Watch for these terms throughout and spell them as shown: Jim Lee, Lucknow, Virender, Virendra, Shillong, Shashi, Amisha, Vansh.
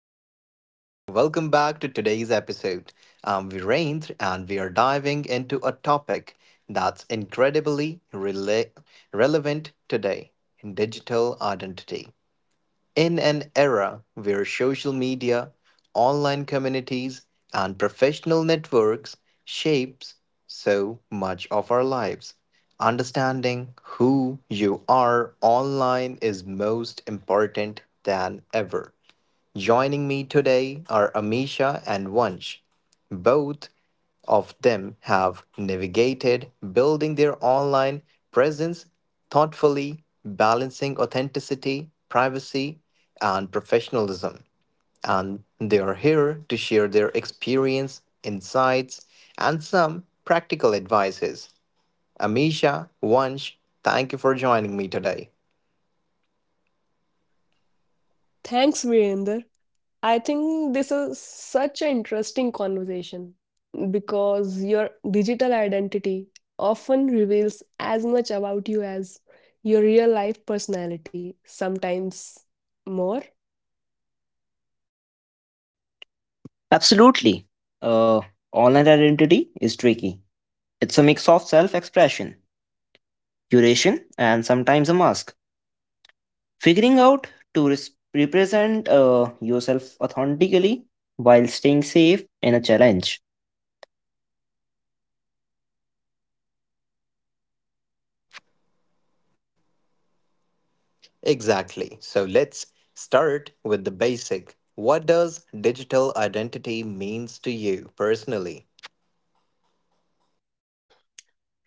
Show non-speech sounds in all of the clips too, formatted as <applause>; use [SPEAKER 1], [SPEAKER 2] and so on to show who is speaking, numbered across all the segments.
[SPEAKER 1] everyone, welcome back to today's episode. I'm Virendra and we are diving into a topic that's incredibly relevant today, digital identity. In an era where social media, online communities, and professional networks shapes so much of our lives, understanding who you are online is most important than ever. Joining me today are Amisha and Vansh. Both of them have navigated building their online presence thoughtfully, balancing authenticity, privacy, and professionalism. And they are here to share their experience, insights, and some practical advices. Amisha, Vansh, thank you for joining me today.
[SPEAKER 2] Thanks, Virender. I think this is such an interesting conversation because your digital identity often reveals as much about you as your real life personality, sometimes more.
[SPEAKER 3] Absolutely. Uh, Online identity is tricky. It's a mix of self expression, curation, and sometimes a mask. Figuring out to represent yourself authentically while staying safe in a challenge.
[SPEAKER 1] Exactly. So let's start with the basic. What does digital identity means to you personally?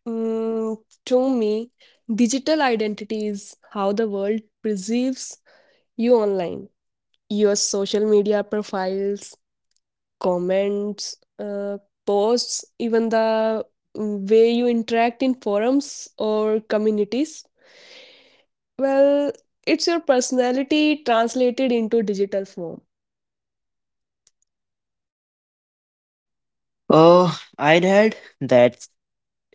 [SPEAKER 2] Mm, to me, digital identity is how the world perceives you online. Your social media profiles, comments, posts, even the way you interact in forums or communities. Well, it's your personality translated into digital form.
[SPEAKER 3] Uh, I'd add that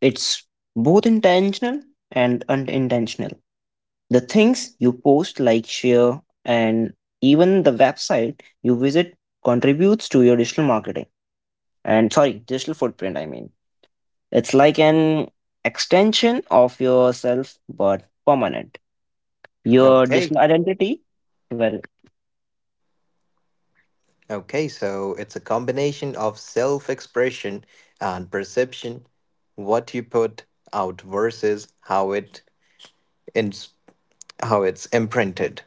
[SPEAKER 3] it's both intentional and unintentional. The things you post, like share, and even the website you visit contributes to your digital marketing and sorry, digital footprint, I mean. It's like an extension of yourself, but permanent. Your
[SPEAKER 1] Okay.
[SPEAKER 3] digital identity? Well,
[SPEAKER 1] Okay, so it's a combination of self-expression and perception, what you put out versus ins- how it's imprinted.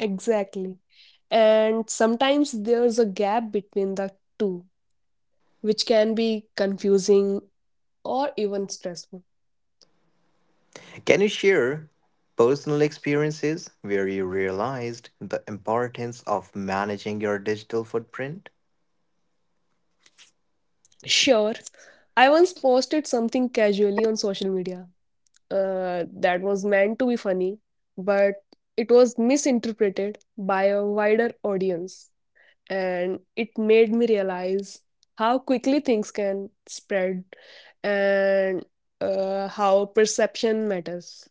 [SPEAKER 2] Exactly. And sometimes there's a gap between the two, which can be confusing or even stressful.
[SPEAKER 1] Can you share personal experiences where you realized the importance of managing your digital footprint?
[SPEAKER 2] Sure, I once posted something casually on social media, that was meant to be funny, but it was misinterpreted by a wider audience. And it made me realize how quickly things can spread and how perception matters.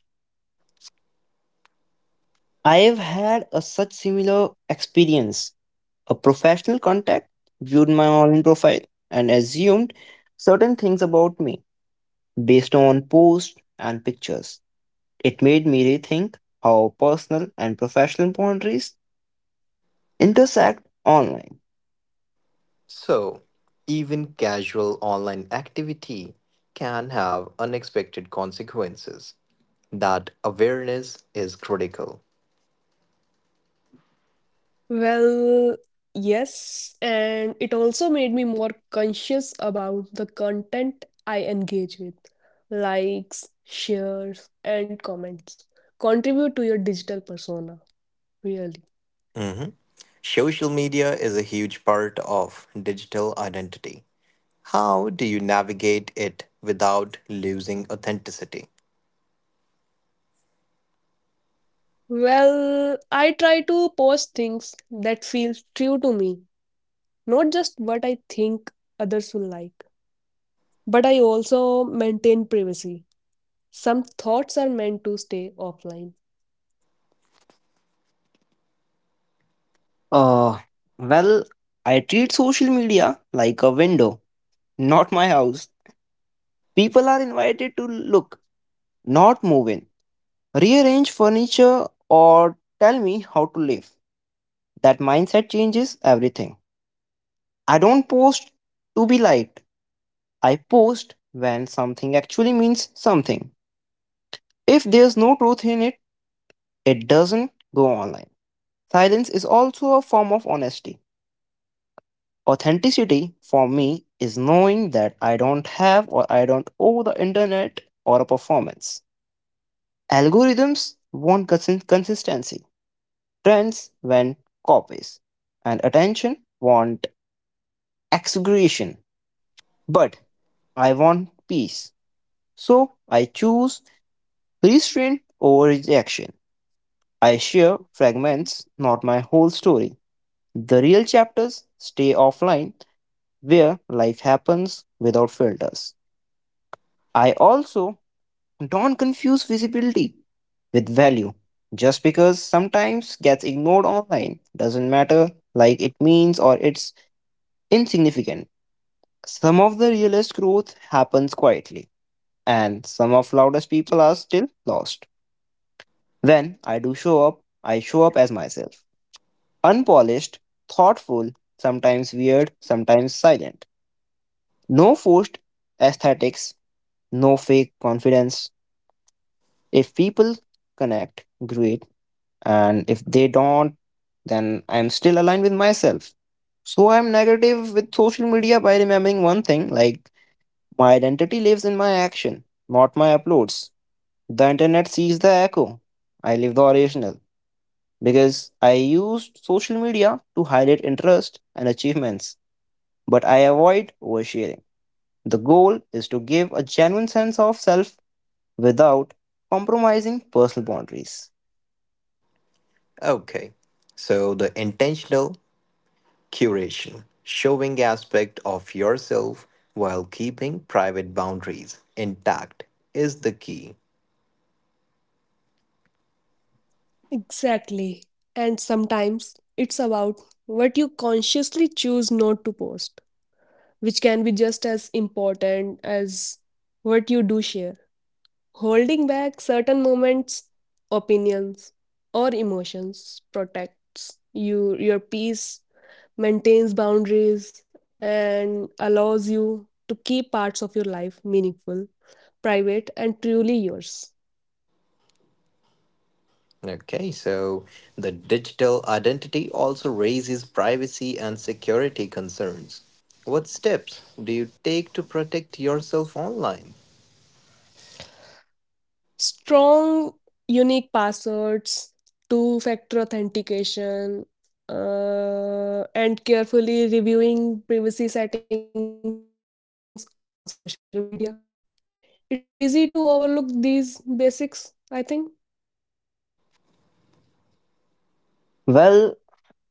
[SPEAKER 3] I've had a such similar experience. A professional contact viewed my online profile and assumed certain things about me based on posts and pictures. It made me rethink how personal and professional boundaries intersect online.
[SPEAKER 1] So, even casual online activity can have unexpected consequences. That awareness is critical.
[SPEAKER 2] Well, yes, and it also made me more conscious about the content I engage with. Likes, shares, and comments contribute to your digital persona, really.
[SPEAKER 1] Mhm. Social media is a huge part of digital identity. How do you navigate it without losing authenticity?
[SPEAKER 2] Well, I try to post things that feel true to me, not just what I think others will like. But I also maintain privacy. Some thoughts are meant to stay offline.
[SPEAKER 3] Uh, well, I treat social media like a window, not my house. People are invited to look, not move in, rearrange furniture, or tell me how to live. That mindset changes everything. I don't post to be liked, I post when something actually means something. If there's no truth in it, it doesn't go online. Silence is also a form of honesty. Authenticity for me is knowing that I don't have or I don't owe the internet or a performance. Algorithms want consistency. Trends want copies, and attention want exaggeration. But I want peace. So I choose restraint over rejection. I share fragments, not my whole story. The real chapters stay offline where life happens without filters. I also don't confuse visibility with value. Just because sometimes gets ignored online doesn't matter like it means or it's insignificant. Some of the realest growth happens quietly, and some of loudest people are still lost. When I do show up, I show up as myself. Unpolished, thoughtful, sometimes weird, sometimes silent. No forced aesthetics, no fake confidence. If people connect, great. And if they don't, then I'm still aligned with myself. So I'm negative with social media by remembering one thing like my identity lives in my action, not my uploads. The internet sees the echo. I live the original because I use social media to highlight interest and achievements, but I avoid oversharing. The goal is to give a genuine sense of self without compromising personal boundaries.
[SPEAKER 1] Okay, so the intentional curation, showing aspect of yourself while keeping private boundaries intact, is the key.
[SPEAKER 2] Exactly. And sometimes it's about what you consciously choose not to post, which can be just as important as what you do share. Holding back certain moments, opinions, or emotions protects you, your peace, maintains boundaries, and allows you to keep parts of your life meaningful, private, and truly yours.
[SPEAKER 1] Okay, so the digital identity also raises privacy and security concerns. What steps do you take to protect yourself online?
[SPEAKER 2] Strong, unique passwords, two factor authentication, and carefully reviewing privacy settings on social media. It's easy to overlook these basics, I think.
[SPEAKER 3] Well,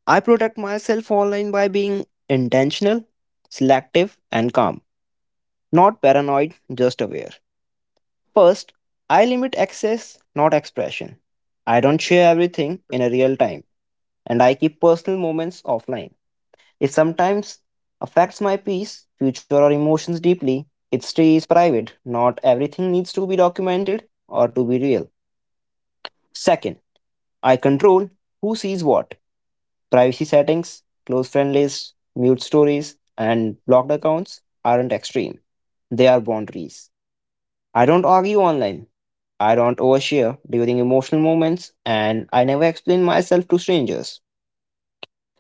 [SPEAKER 3] I protect myself online by being intentional, selective, and calm, not paranoid, just aware. First, I limit access, not expression. I don't share everything in a real time, and I keep personal moments offline. It sometimes affects my peace, future, or emotions deeply. It stays private. Not everything needs to be documented or to be real. Second, I control who sees what. Privacy settings, close friend lists, mute stories, and blocked accounts aren't extreme. They are boundaries. I don't argue online. I don't overshare during emotional moments, and I never explain myself to strangers.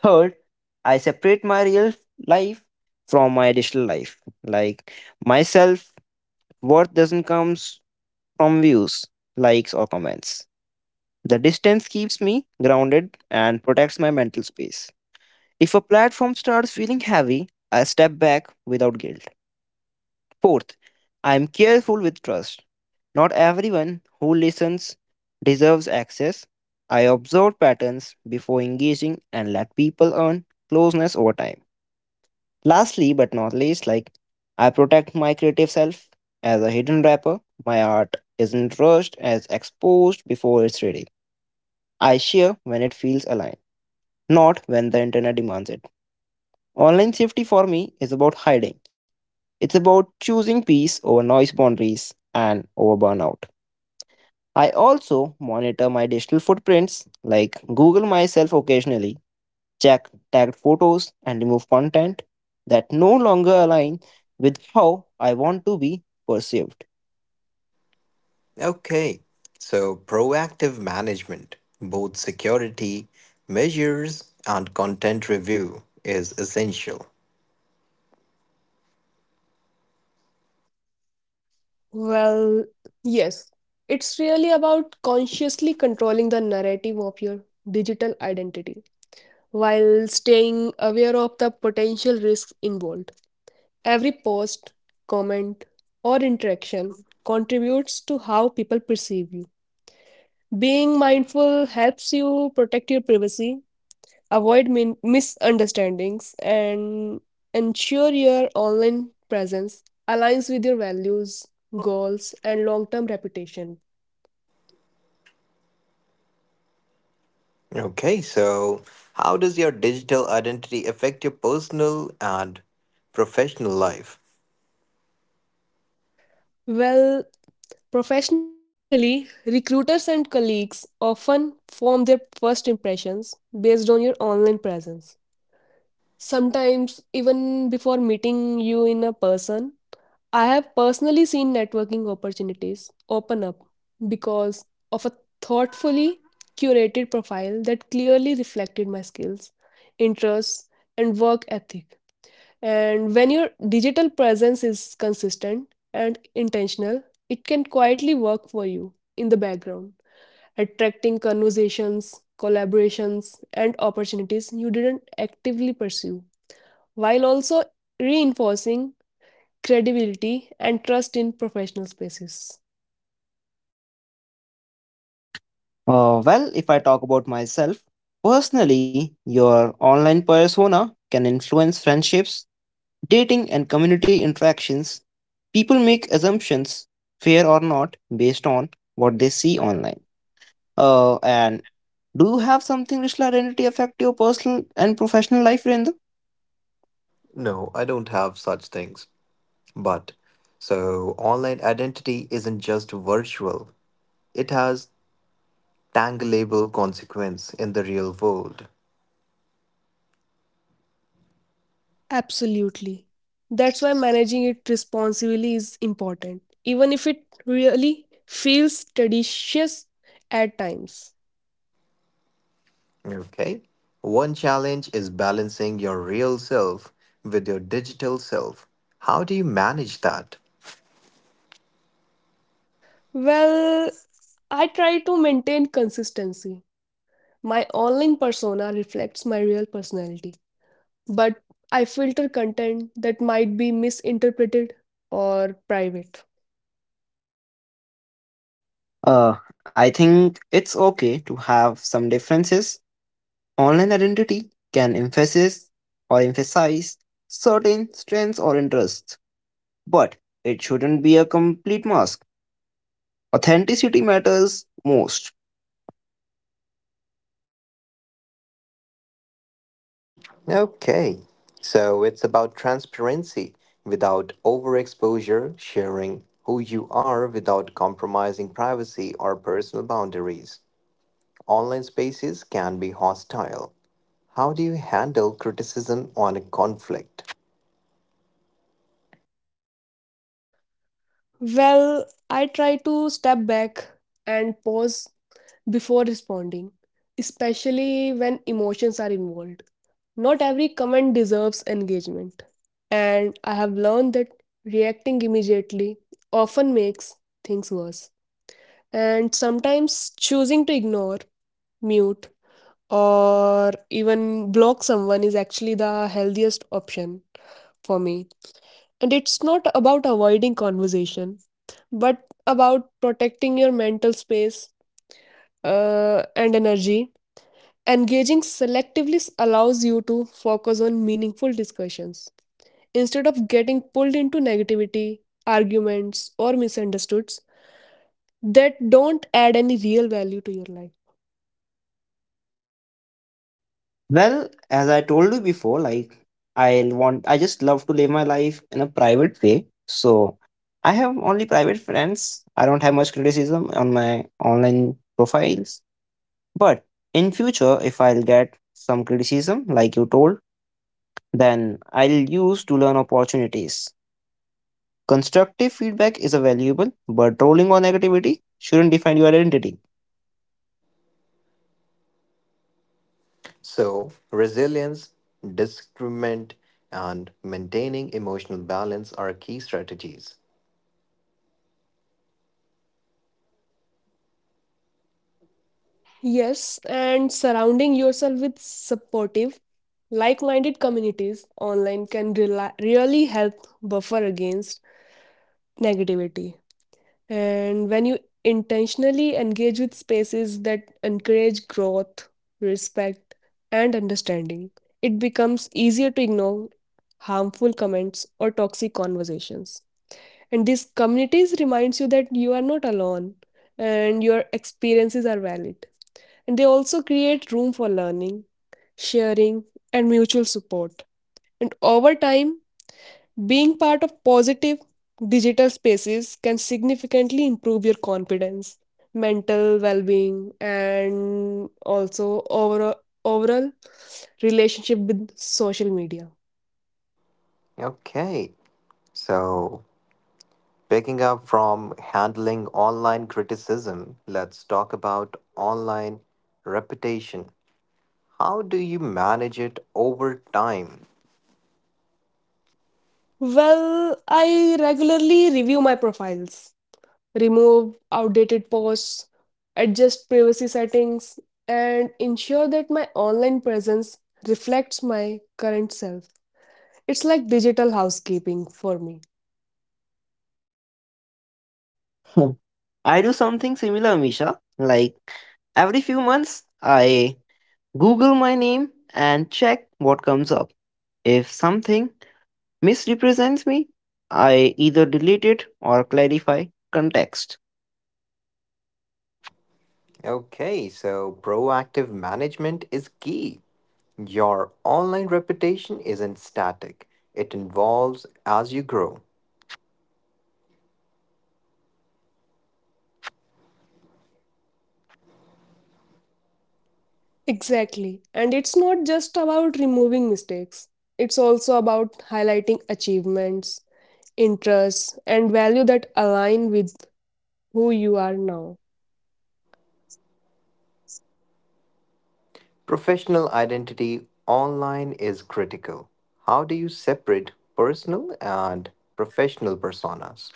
[SPEAKER 3] Third, I separate my real life from my digital life. Like my self worth doesn't come from views, likes, or comments. The distance keeps me grounded and protects my mental space. If a platform starts feeling heavy, I step back without guilt. Fourth, I am careful with trust. Not everyone who listens deserves access. I observed patterns before engaging and let people earn closeness over time. Lastly, but not least, like I protect my creative self as a hidden rapper. My art isn't rushed as exposed before it's ready. I share when it feels aligned, not when the internet demands it. Online safety for me is about hiding. It's about choosing peace over noise boundaries and over burnout. I also monitor my digital footprints, like Google myself occasionally, check tagged photos, and remove content that no longer align with how I want to be perceived.
[SPEAKER 1] Okay, so proactive management, both security measures and content review is essential.
[SPEAKER 2] Well, yes. It's really about consciously controlling the narrative of your digital identity while staying aware of the potential risks involved. Every post, comment, or interaction contributes to how people perceive you. Being mindful helps you protect your privacy, avoid misunderstandings, and ensure your online presence aligns with your values, goals, and long-term reputation.
[SPEAKER 1] Okay, so how does your digital identity affect your personal and professional life?
[SPEAKER 2] Well, professionally, recruiters and colleagues often form their first impressions based on your online presence, sometimes even before meeting you in a person. I have personally seen networking opportunities open up because of a thoughtfully curated profile that clearly reflected my skills, interests, and work ethic. And when your digital presence is consistent and intentional, it can quietly work for you in the background, attracting conversations, collaborations, and opportunities you didn't actively pursue, while also reinforcing credibility, and trust in professional spaces.
[SPEAKER 3] Well, if I talk about myself, personally, your online persona can influence friendships, dating, and community interactions. People make assumptions, fair or not, based on what they see online. And do you have something digital identity affect your personal and professional life, Virendra?
[SPEAKER 1] No, I don't have such things. But so online identity isn't just virtual, it has tangleable consequence in the real world.
[SPEAKER 2] Absolutely. That's why managing it responsibly is important, even if it really feels tedious at times.
[SPEAKER 1] Okay? One challenge is balancing your real self with your digital self. How do you manage that?
[SPEAKER 2] Well, I try to maintain consistency. My online persona reflects my real personality, but I filter content that might be misinterpreted or private.
[SPEAKER 3] I think it's okay to have some differences. Online identity can emphasize or emphasize certain strengths or interests, but it shouldn't be a complete mask. Authenticity matters most.
[SPEAKER 1] Okay. So it's about transparency without overexposure, sharing who you are without compromising privacy or personal boundaries. Online spaces can be hostile. How do you handle criticism on a conflict?
[SPEAKER 2] Well, I try to step back and pause before responding, especially when emotions are involved. Not every comment deserves engagement, and I have learned that reacting immediately often makes things worse. And sometimes choosing to ignore, mute, or even block someone is actually the healthiest option for me. And it's not about avoiding conversation, but about protecting your mental space and energy. Engaging selectively allows you to focus on meaningful discussions. Instead of getting pulled into negativity, arguments, or misunderstoods that don't add any real value to your life.
[SPEAKER 3] Well, as I told you before, like I'll want I just love to live my life in a private way. So I have only private friends. I don't have much criticism on my online profiles. But in future if I'll get some criticism like you told, then I'll use to learn opportunities. Constructive feedback is a valuable, but rolling on negativity shouldn't define your identity.
[SPEAKER 1] So, resilience, discernment, and maintaining emotional balance are key strategies.
[SPEAKER 2] Yes, and surrounding yourself with supportive, like minded communities online can really help buffer against negativity. And when you intentionally engage with spaces that encourage growth, respect, and understanding, it becomes easier to ignore harmful comments or toxic conversations. And these communities reminds you that you are not alone and your experiences are valid. And they also create room for learning, sharing, and mutual support. And over time, being part of positive digital spaces can significantly improve your confidence, mental well being, and also overall relationship with social media.
[SPEAKER 1] Okay, so picking up from handling online criticism, let's talk about online reputation. How do you manage it over time?
[SPEAKER 2] Well, I regularly review my profiles, remove outdated posts, adjust privacy settings, and ensure that my online presence reflects my current self. It's like digital housekeeping for me.
[SPEAKER 3] <laughs> I do something similar, Misha. Like every few months I Google my name and check what comes up. If something misrepresents me, I either delete it or clarify context.
[SPEAKER 1] Okay, so proactive management is key. Your online reputation isn't static, it evolves as you grow.
[SPEAKER 2] Exactly. And it's not just about removing mistakes, it's also about highlighting achievements, interests, and value that align with who you are now.
[SPEAKER 1] Professional identity online is critical. How do you separate personal and professional personas?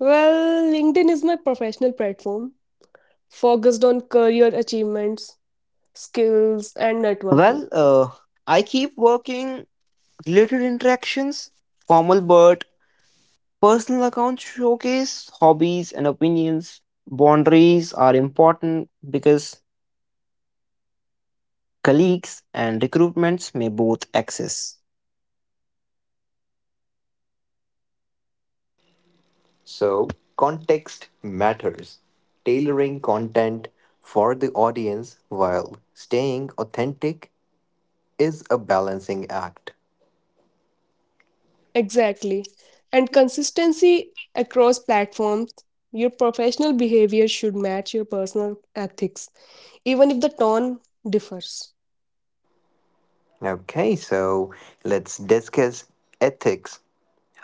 [SPEAKER 2] Well, LinkedIn is my professional platform focused on career achievements, skills, and networking.
[SPEAKER 3] Well, I keep working related interactions, formal but personal accounts showcase hobbies and opinions. Boundaries are important because colleagues and recruitments may both access.
[SPEAKER 1] So, context matters. Tailoring content for the audience while staying authentic is a balancing act.
[SPEAKER 2] Exactly.
[SPEAKER 3] Well,
[SPEAKER 2] And
[SPEAKER 3] exactly,
[SPEAKER 2] consistency across
[SPEAKER 3] and
[SPEAKER 2] platforms.
[SPEAKER 3] consistency
[SPEAKER 2] Your
[SPEAKER 3] across
[SPEAKER 2] professional
[SPEAKER 3] platforms.
[SPEAKER 2] behavior
[SPEAKER 3] Your
[SPEAKER 2] should match
[SPEAKER 3] professional
[SPEAKER 2] your
[SPEAKER 3] behavior
[SPEAKER 2] personal
[SPEAKER 3] should
[SPEAKER 2] ethics,
[SPEAKER 3] match your
[SPEAKER 2] even if the
[SPEAKER 3] personal
[SPEAKER 2] tone
[SPEAKER 3] ethics, even
[SPEAKER 2] differs.
[SPEAKER 3] if the tone differs.
[SPEAKER 1] Okay, so let's discuss ethics.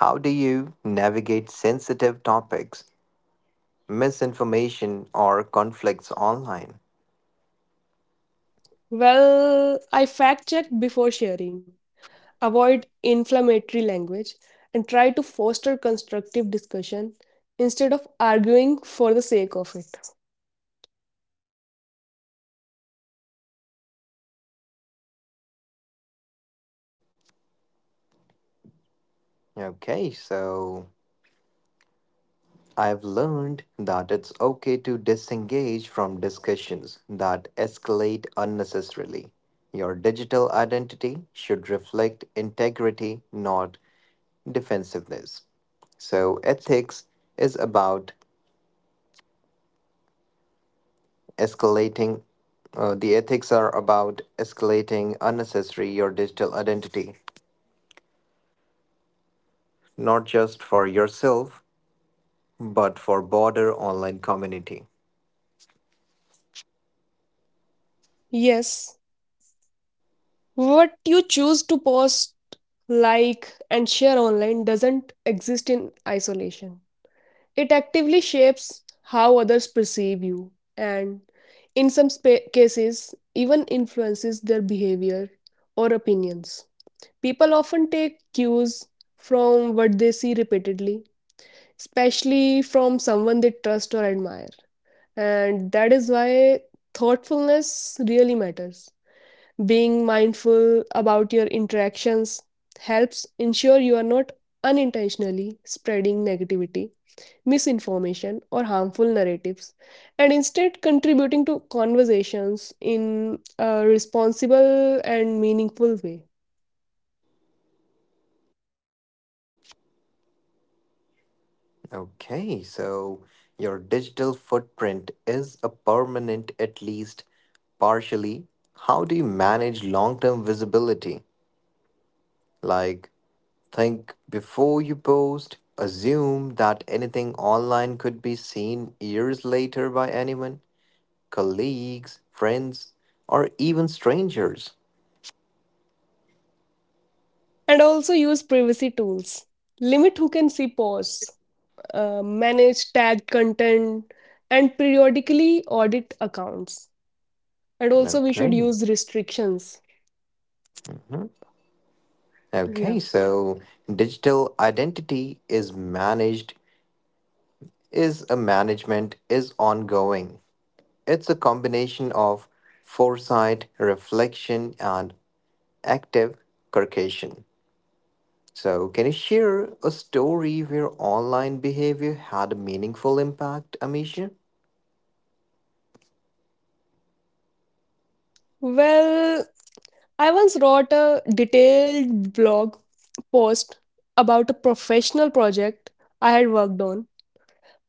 [SPEAKER 1] How do you navigate sensitive topics, misinformation, or conflicts online?
[SPEAKER 2] Well, I fact checked before sharing, avoid inflammatory language, and try to foster constructive discussion instead of arguing for the sake of it.
[SPEAKER 1] Okay, so I've learned that it's okay to disengage from discussions that escalate unnecessarily. Your digital identity should reflect integrity, not defensiveness. So, ethics is about
[SPEAKER 3] Uh, well,
[SPEAKER 1] escalating the
[SPEAKER 3] digital
[SPEAKER 1] ethics are
[SPEAKER 3] marketing or
[SPEAKER 1] about
[SPEAKER 3] digital identity are
[SPEAKER 1] escalating
[SPEAKER 3] similar, I guess.
[SPEAKER 1] unnecessary your
[SPEAKER 3] Digital
[SPEAKER 1] digital
[SPEAKER 3] identity is a
[SPEAKER 1] identity,
[SPEAKER 3] journey, not a static label. It uses
[SPEAKER 1] not
[SPEAKER 3] a
[SPEAKER 1] just for
[SPEAKER 3] wisely or
[SPEAKER 1] yourself
[SPEAKER 3] reflection often,
[SPEAKER 1] but
[SPEAKER 3] and
[SPEAKER 1] for
[SPEAKER 3] don't
[SPEAKER 1] broader
[SPEAKER 3] forget the
[SPEAKER 1] online
[SPEAKER 3] enjoy
[SPEAKER 1] community.
[SPEAKER 3] to process of self-expression online.
[SPEAKER 2] Yes,
[SPEAKER 3] If I talk about it,
[SPEAKER 2] what
[SPEAKER 3] it
[SPEAKER 2] you
[SPEAKER 3] is more
[SPEAKER 2] choose to
[SPEAKER 3] adaptable,
[SPEAKER 2] post,
[SPEAKER 3] or sometimes
[SPEAKER 2] like,
[SPEAKER 3] it
[SPEAKER 2] and share
[SPEAKER 3] platforms or
[SPEAKER 2] online
[SPEAKER 3] norms
[SPEAKER 2] doesn't exist
[SPEAKER 3] audiences to
[SPEAKER 2] in
[SPEAKER 3] change your
[SPEAKER 2] isolation.
[SPEAKER 3] approach and staying
[SPEAKER 2] It
[SPEAKER 3] true to
[SPEAKER 2] actively
[SPEAKER 3] yourself.
[SPEAKER 2] shapes how others perceive you, and in
[SPEAKER 3] Uh,
[SPEAKER 2] some
[SPEAKER 3] Thank you
[SPEAKER 2] cases,
[SPEAKER 3] everyone for
[SPEAKER 2] even
[SPEAKER 3] listening. Your
[SPEAKER 2] influences
[SPEAKER 3] digital
[SPEAKER 2] their
[SPEAKER 3] identity is a
[SPEAKER 2] behavior
[SPEAKER 3] part of your
[SPEAKER 2] or
[SPEAKER 3] story. Shape
[SPEAKER 2] opinions.
[SPEAKER 3] it
[SPEAKER 2] People
[SPEAKER 3] thoughtfully,
[SPEAKER 2] often take
[SPEAKER 3] protect your
[SPEAKER 2] cues
[SPEAKER 3] responsibility,
[SPEAKER 2] from
[SPEAKER 3] and
[SPEAKER 2] what
[SPEAKER 3] let
[SPEAKER 2] they
[SPEAKER 3] it
[SPEAKER 2] see
[SPEAKER 3] reflect the
[SPEAKER 2] repeatedly,
[SPEAKER 3] best version of
[SPEAKER 2] especially
[SPEAKER 3] who
[SPEAKER 2] from
[SPEAKER 3] you are.
[SPEAKER 2] someone they trust or admire. And that is why thoughtfulness really matters. Being mindful about your interactions helps ensure you are not unintentionally spreading negativity, misinformation, or harmful narratives, and instead contributing to conversations in a responsible and meaningful way.
[SPEAKER 1] Okay, so your digital footprint is a permanent, at least partially. How do you manage long-term visibility? Like, think before you post, assume that anything online could be seen years later by anyone, colleagues, friends, or even strangers.
[SPEAKER 2] And also use privacy tools. Limit who can see posts, manage tagged content, and periodically audit accounts. And also, we
[SPEAKER 1] Okay.
[SPEAKER 2] should use restrictions.
[SPEAKER 1] Mhm. Okay,
[SPEAKER 2] Yeah.
[SPEAKER 1] so digital managed, is a management, is ongoing. It's a combination of foresight, reflection, and active curcation. So, can you share a story where online behavior had a meaningful impact, Amisha?
[SPEAKER 2] Well, I once wrote a detailed blog post about a professional project I had worked on,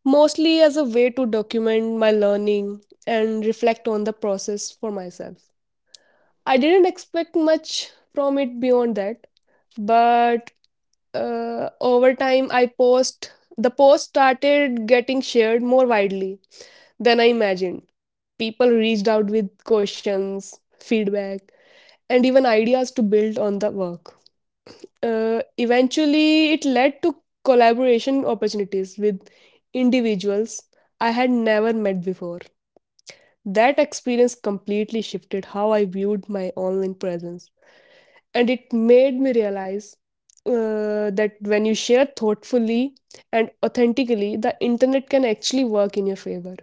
[SPEAKER 2] mostly as a way to document my learning and reflect on the process for myself. I didn't expect much from it beyond that, but over time, I post the post started getting shared more widely than I imagined. People reached out with questions, feedback, and even ideas to build on the work. Eventually, it led to collaboration opportunities with individuals I had never met before. That experience completely shifted how I viewed my online presence. And it made me realize that when you share thoughtfully and authentically, the internet can actually work in your favor.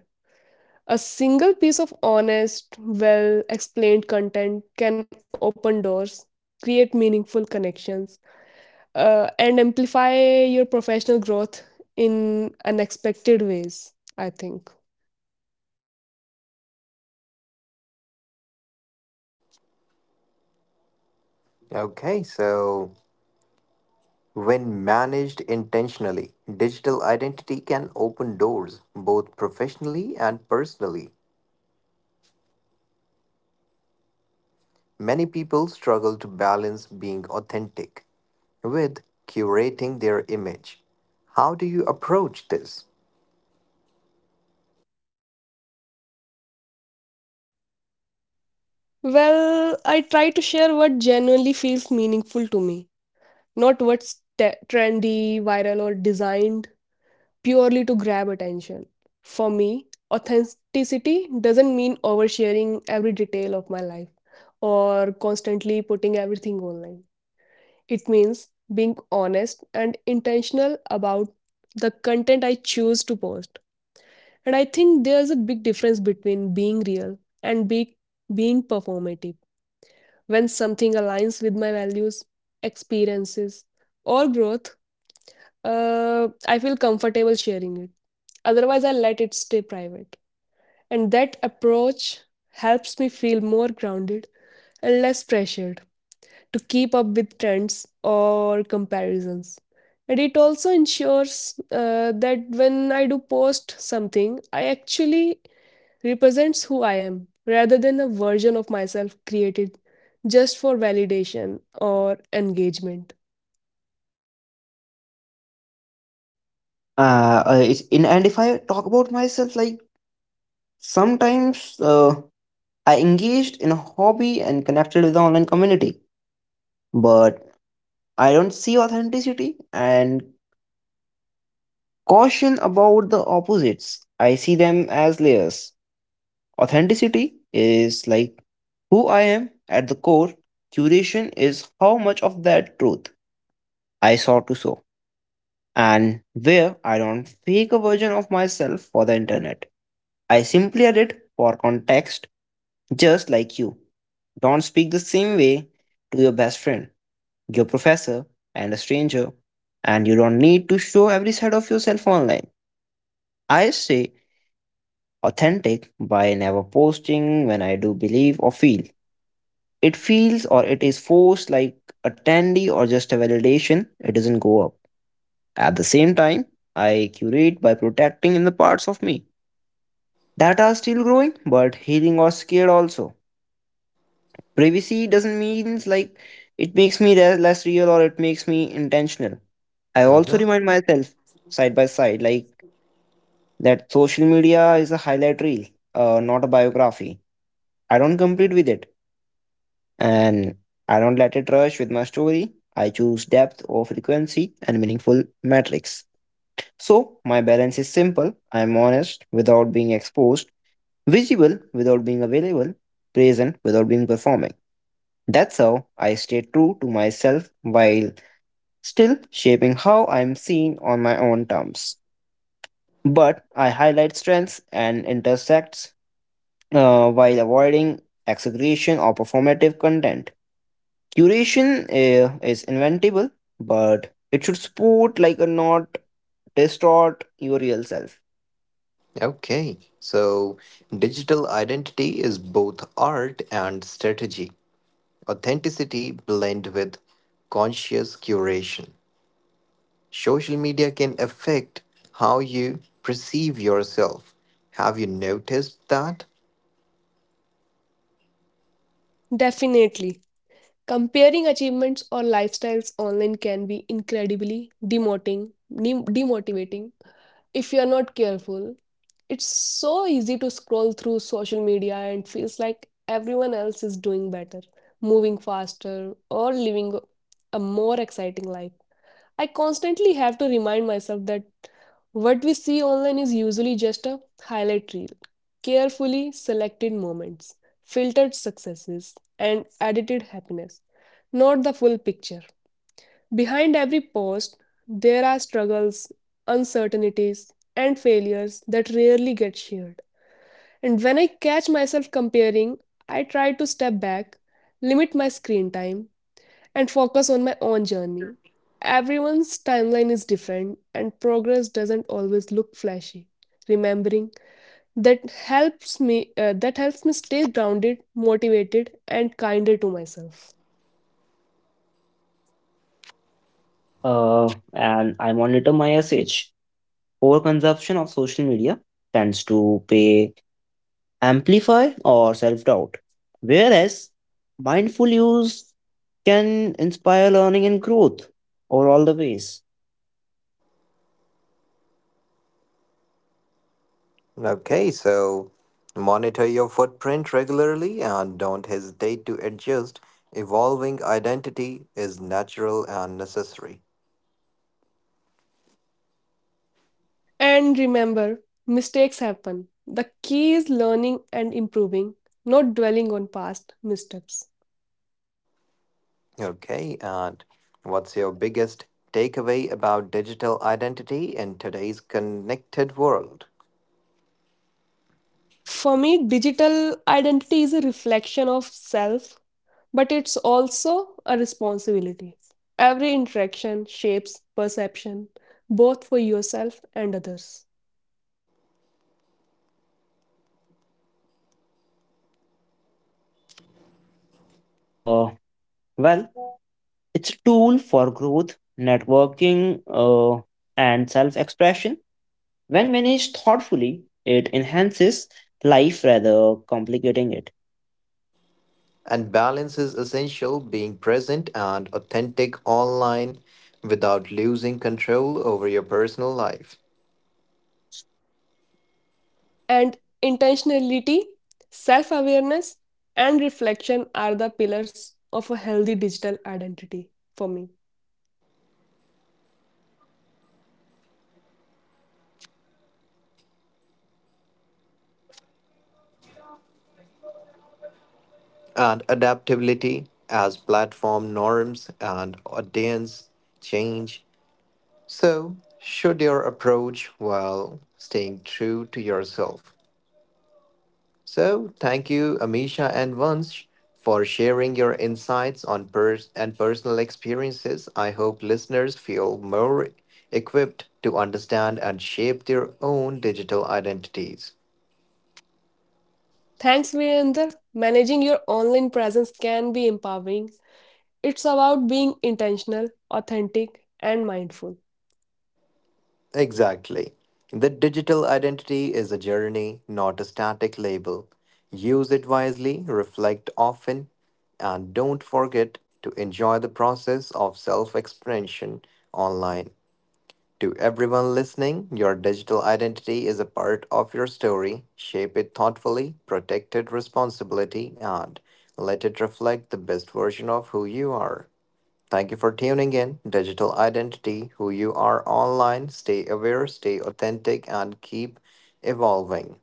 [SPEAKER 2] A single piece of honest, well explained content can open doors, create meaningful connections, and amplify your professional growth in unexpected ways, I think.
[SPEAKER 1] Okay, so when managed intentionally, digital identity can open doors, both professionally and personally. Many people struggle to balance being authentic with curating their image. How do you approach this?
[SPEAKER 2] Well, I try to share what genuinely feels meaningful to me, not what's trendy, viral, or designed purely to grab attention. For me, authenticity doesn't mean oversharing every detail of my life or constantly putting everything online. It means being honest and intentional about the content I choose to post. And I think there's a big difference between being real and being performative. When something aligns with my values, experiences, or growth, I feel comfortable sharing it. Otherwise, I let it stay private. And that approach helps me feel more grounded and less pressured to keep up with trends or comparisons. And it also ensures that when I do post something, I actually represents who I am rather than a version of myself created just for validation or engagement.
[SPEAKER 3] It's in and if I talk about myself, like sometimes I engaged in a hobby and connected with the online community, but I don't see authenticity and caution about the opposites. I see them as layers. Authenticity is like who I am at the core. Curation is how much of that truth I saw to show, and where I don't fake a version of myself for the internet. I simply edit for context just like you. Don't speak the same way to your best friend, your professor, and a stranger. And you don't need to show every side of yourself online. I stay authentic by never posting when I do believe or feel. It feels or it is forced like a tandy or just a validation, it doesn't go up. At the same time, I curate by protecting in the parts of me that are still growing but healing or scared also. Privacy doesn't mean like it makes me less real or it makes me intentional. I also
[SPEAKER 1] Mhm.
[SPEAKER 3] remind myself side by side like that social media is a highlight reel, not a biography. I don't compete with it and I don't let it rush with my story. I choose depth or frequency and meaningful metrics. So my balance is simple. I am honest without being exposed, visible without being available, present without being performing. That's how I stay true to myself while still shaping how I'm seen on my own terms. But I highlight strengths and intersects while avoiding exaggeration or performative content. Curation is inventable, but it should support like a not distort your real self.
[SPEAKER 1] Okay, so digital identity is both art and strategy. Authenticity blend with conscious curation. Social media can affect how you perceive yourself. Have you noticed that?
[SPEAKER 2] Definitely. Comparing achievements or lifestyles online can be incredibly demotivating if you are not careful. It's so easy to scroll through social media and feels like everyone else is doing better, moving faster, or living a more exciting life. I constantly have to remind myself that what we see online is usually just a highlight reel, carefully selected moments, filtered successes, and edited happiness, not the full picture. Behind every post, there are struggles, uncertainties, and failures that rarely get shared. And when I catch myself comparing, I try to step back, limit my screen time, and focus on my own journey. Everyone's timeline is different, and progress doesn't always look flashy. Remembering that helps me stay grounded, motivated, and kinder to myself.
[SPEAKER 3] And I monitor my SH. Overconsumption of social media tends to pay amplify or self doubt. Whereas mindful use can inspire learning and growth over all the ways.
[SPEAKER 1] Okay, so monitor your footprint regularly and don't hesitate to adjust. Evolving identity is natural and necessary.
[SPEAKER 2] And remember, mistakes happen. The key is learning and improving, not dwelling on past missteps.
[SPEAKER 1] Okay, and what's your biggest takeaway about digital identity in today's connected world?
[SPEAKER 2] For me, digital identity is a reflection of self, but it's also a responsibility. Every interaction shapes perception, both for yourself and others.
[SPEAKER 3] Uh, well, it's a tool for growth, networking, and self expression. When managed thoughtfully, it enhances life rather complicating it.
[SPEAKER 1] And balance is essential being present and authentic online without losing control over your personal life.
[SPEAKER 2] And intentionality, self awareness, and reflection are the pillars of a healthy digital identity for me.
[SPEAKER 1] And adaptability as platform norms and audience change. So, should your approach while staying true to yourself. So, thank you, Amisha and Vansh, for sharing your insights on pers- and personal experiences. I hope listeners feel more equipped to understand and shape their own digital identities.
[SPEAKER 2] Thanks, Virender. Managing your online presence can be empowering. It's about being intentional, authentic, and mindful.
[SPEAKER 1] Exactly. The digital identity is a journey, not a static label. Use it wisely, reflect often, and don't forget to enjoy the process of self expression online. To everyone listening, your digital identity is a part of your story. Shape it thoughtfully, protect it responsibly, and let it reflect the best version of who you are. Thank you for tuning in. Digital identity, who you are online, stay aware, stay authentic, and keep evolving.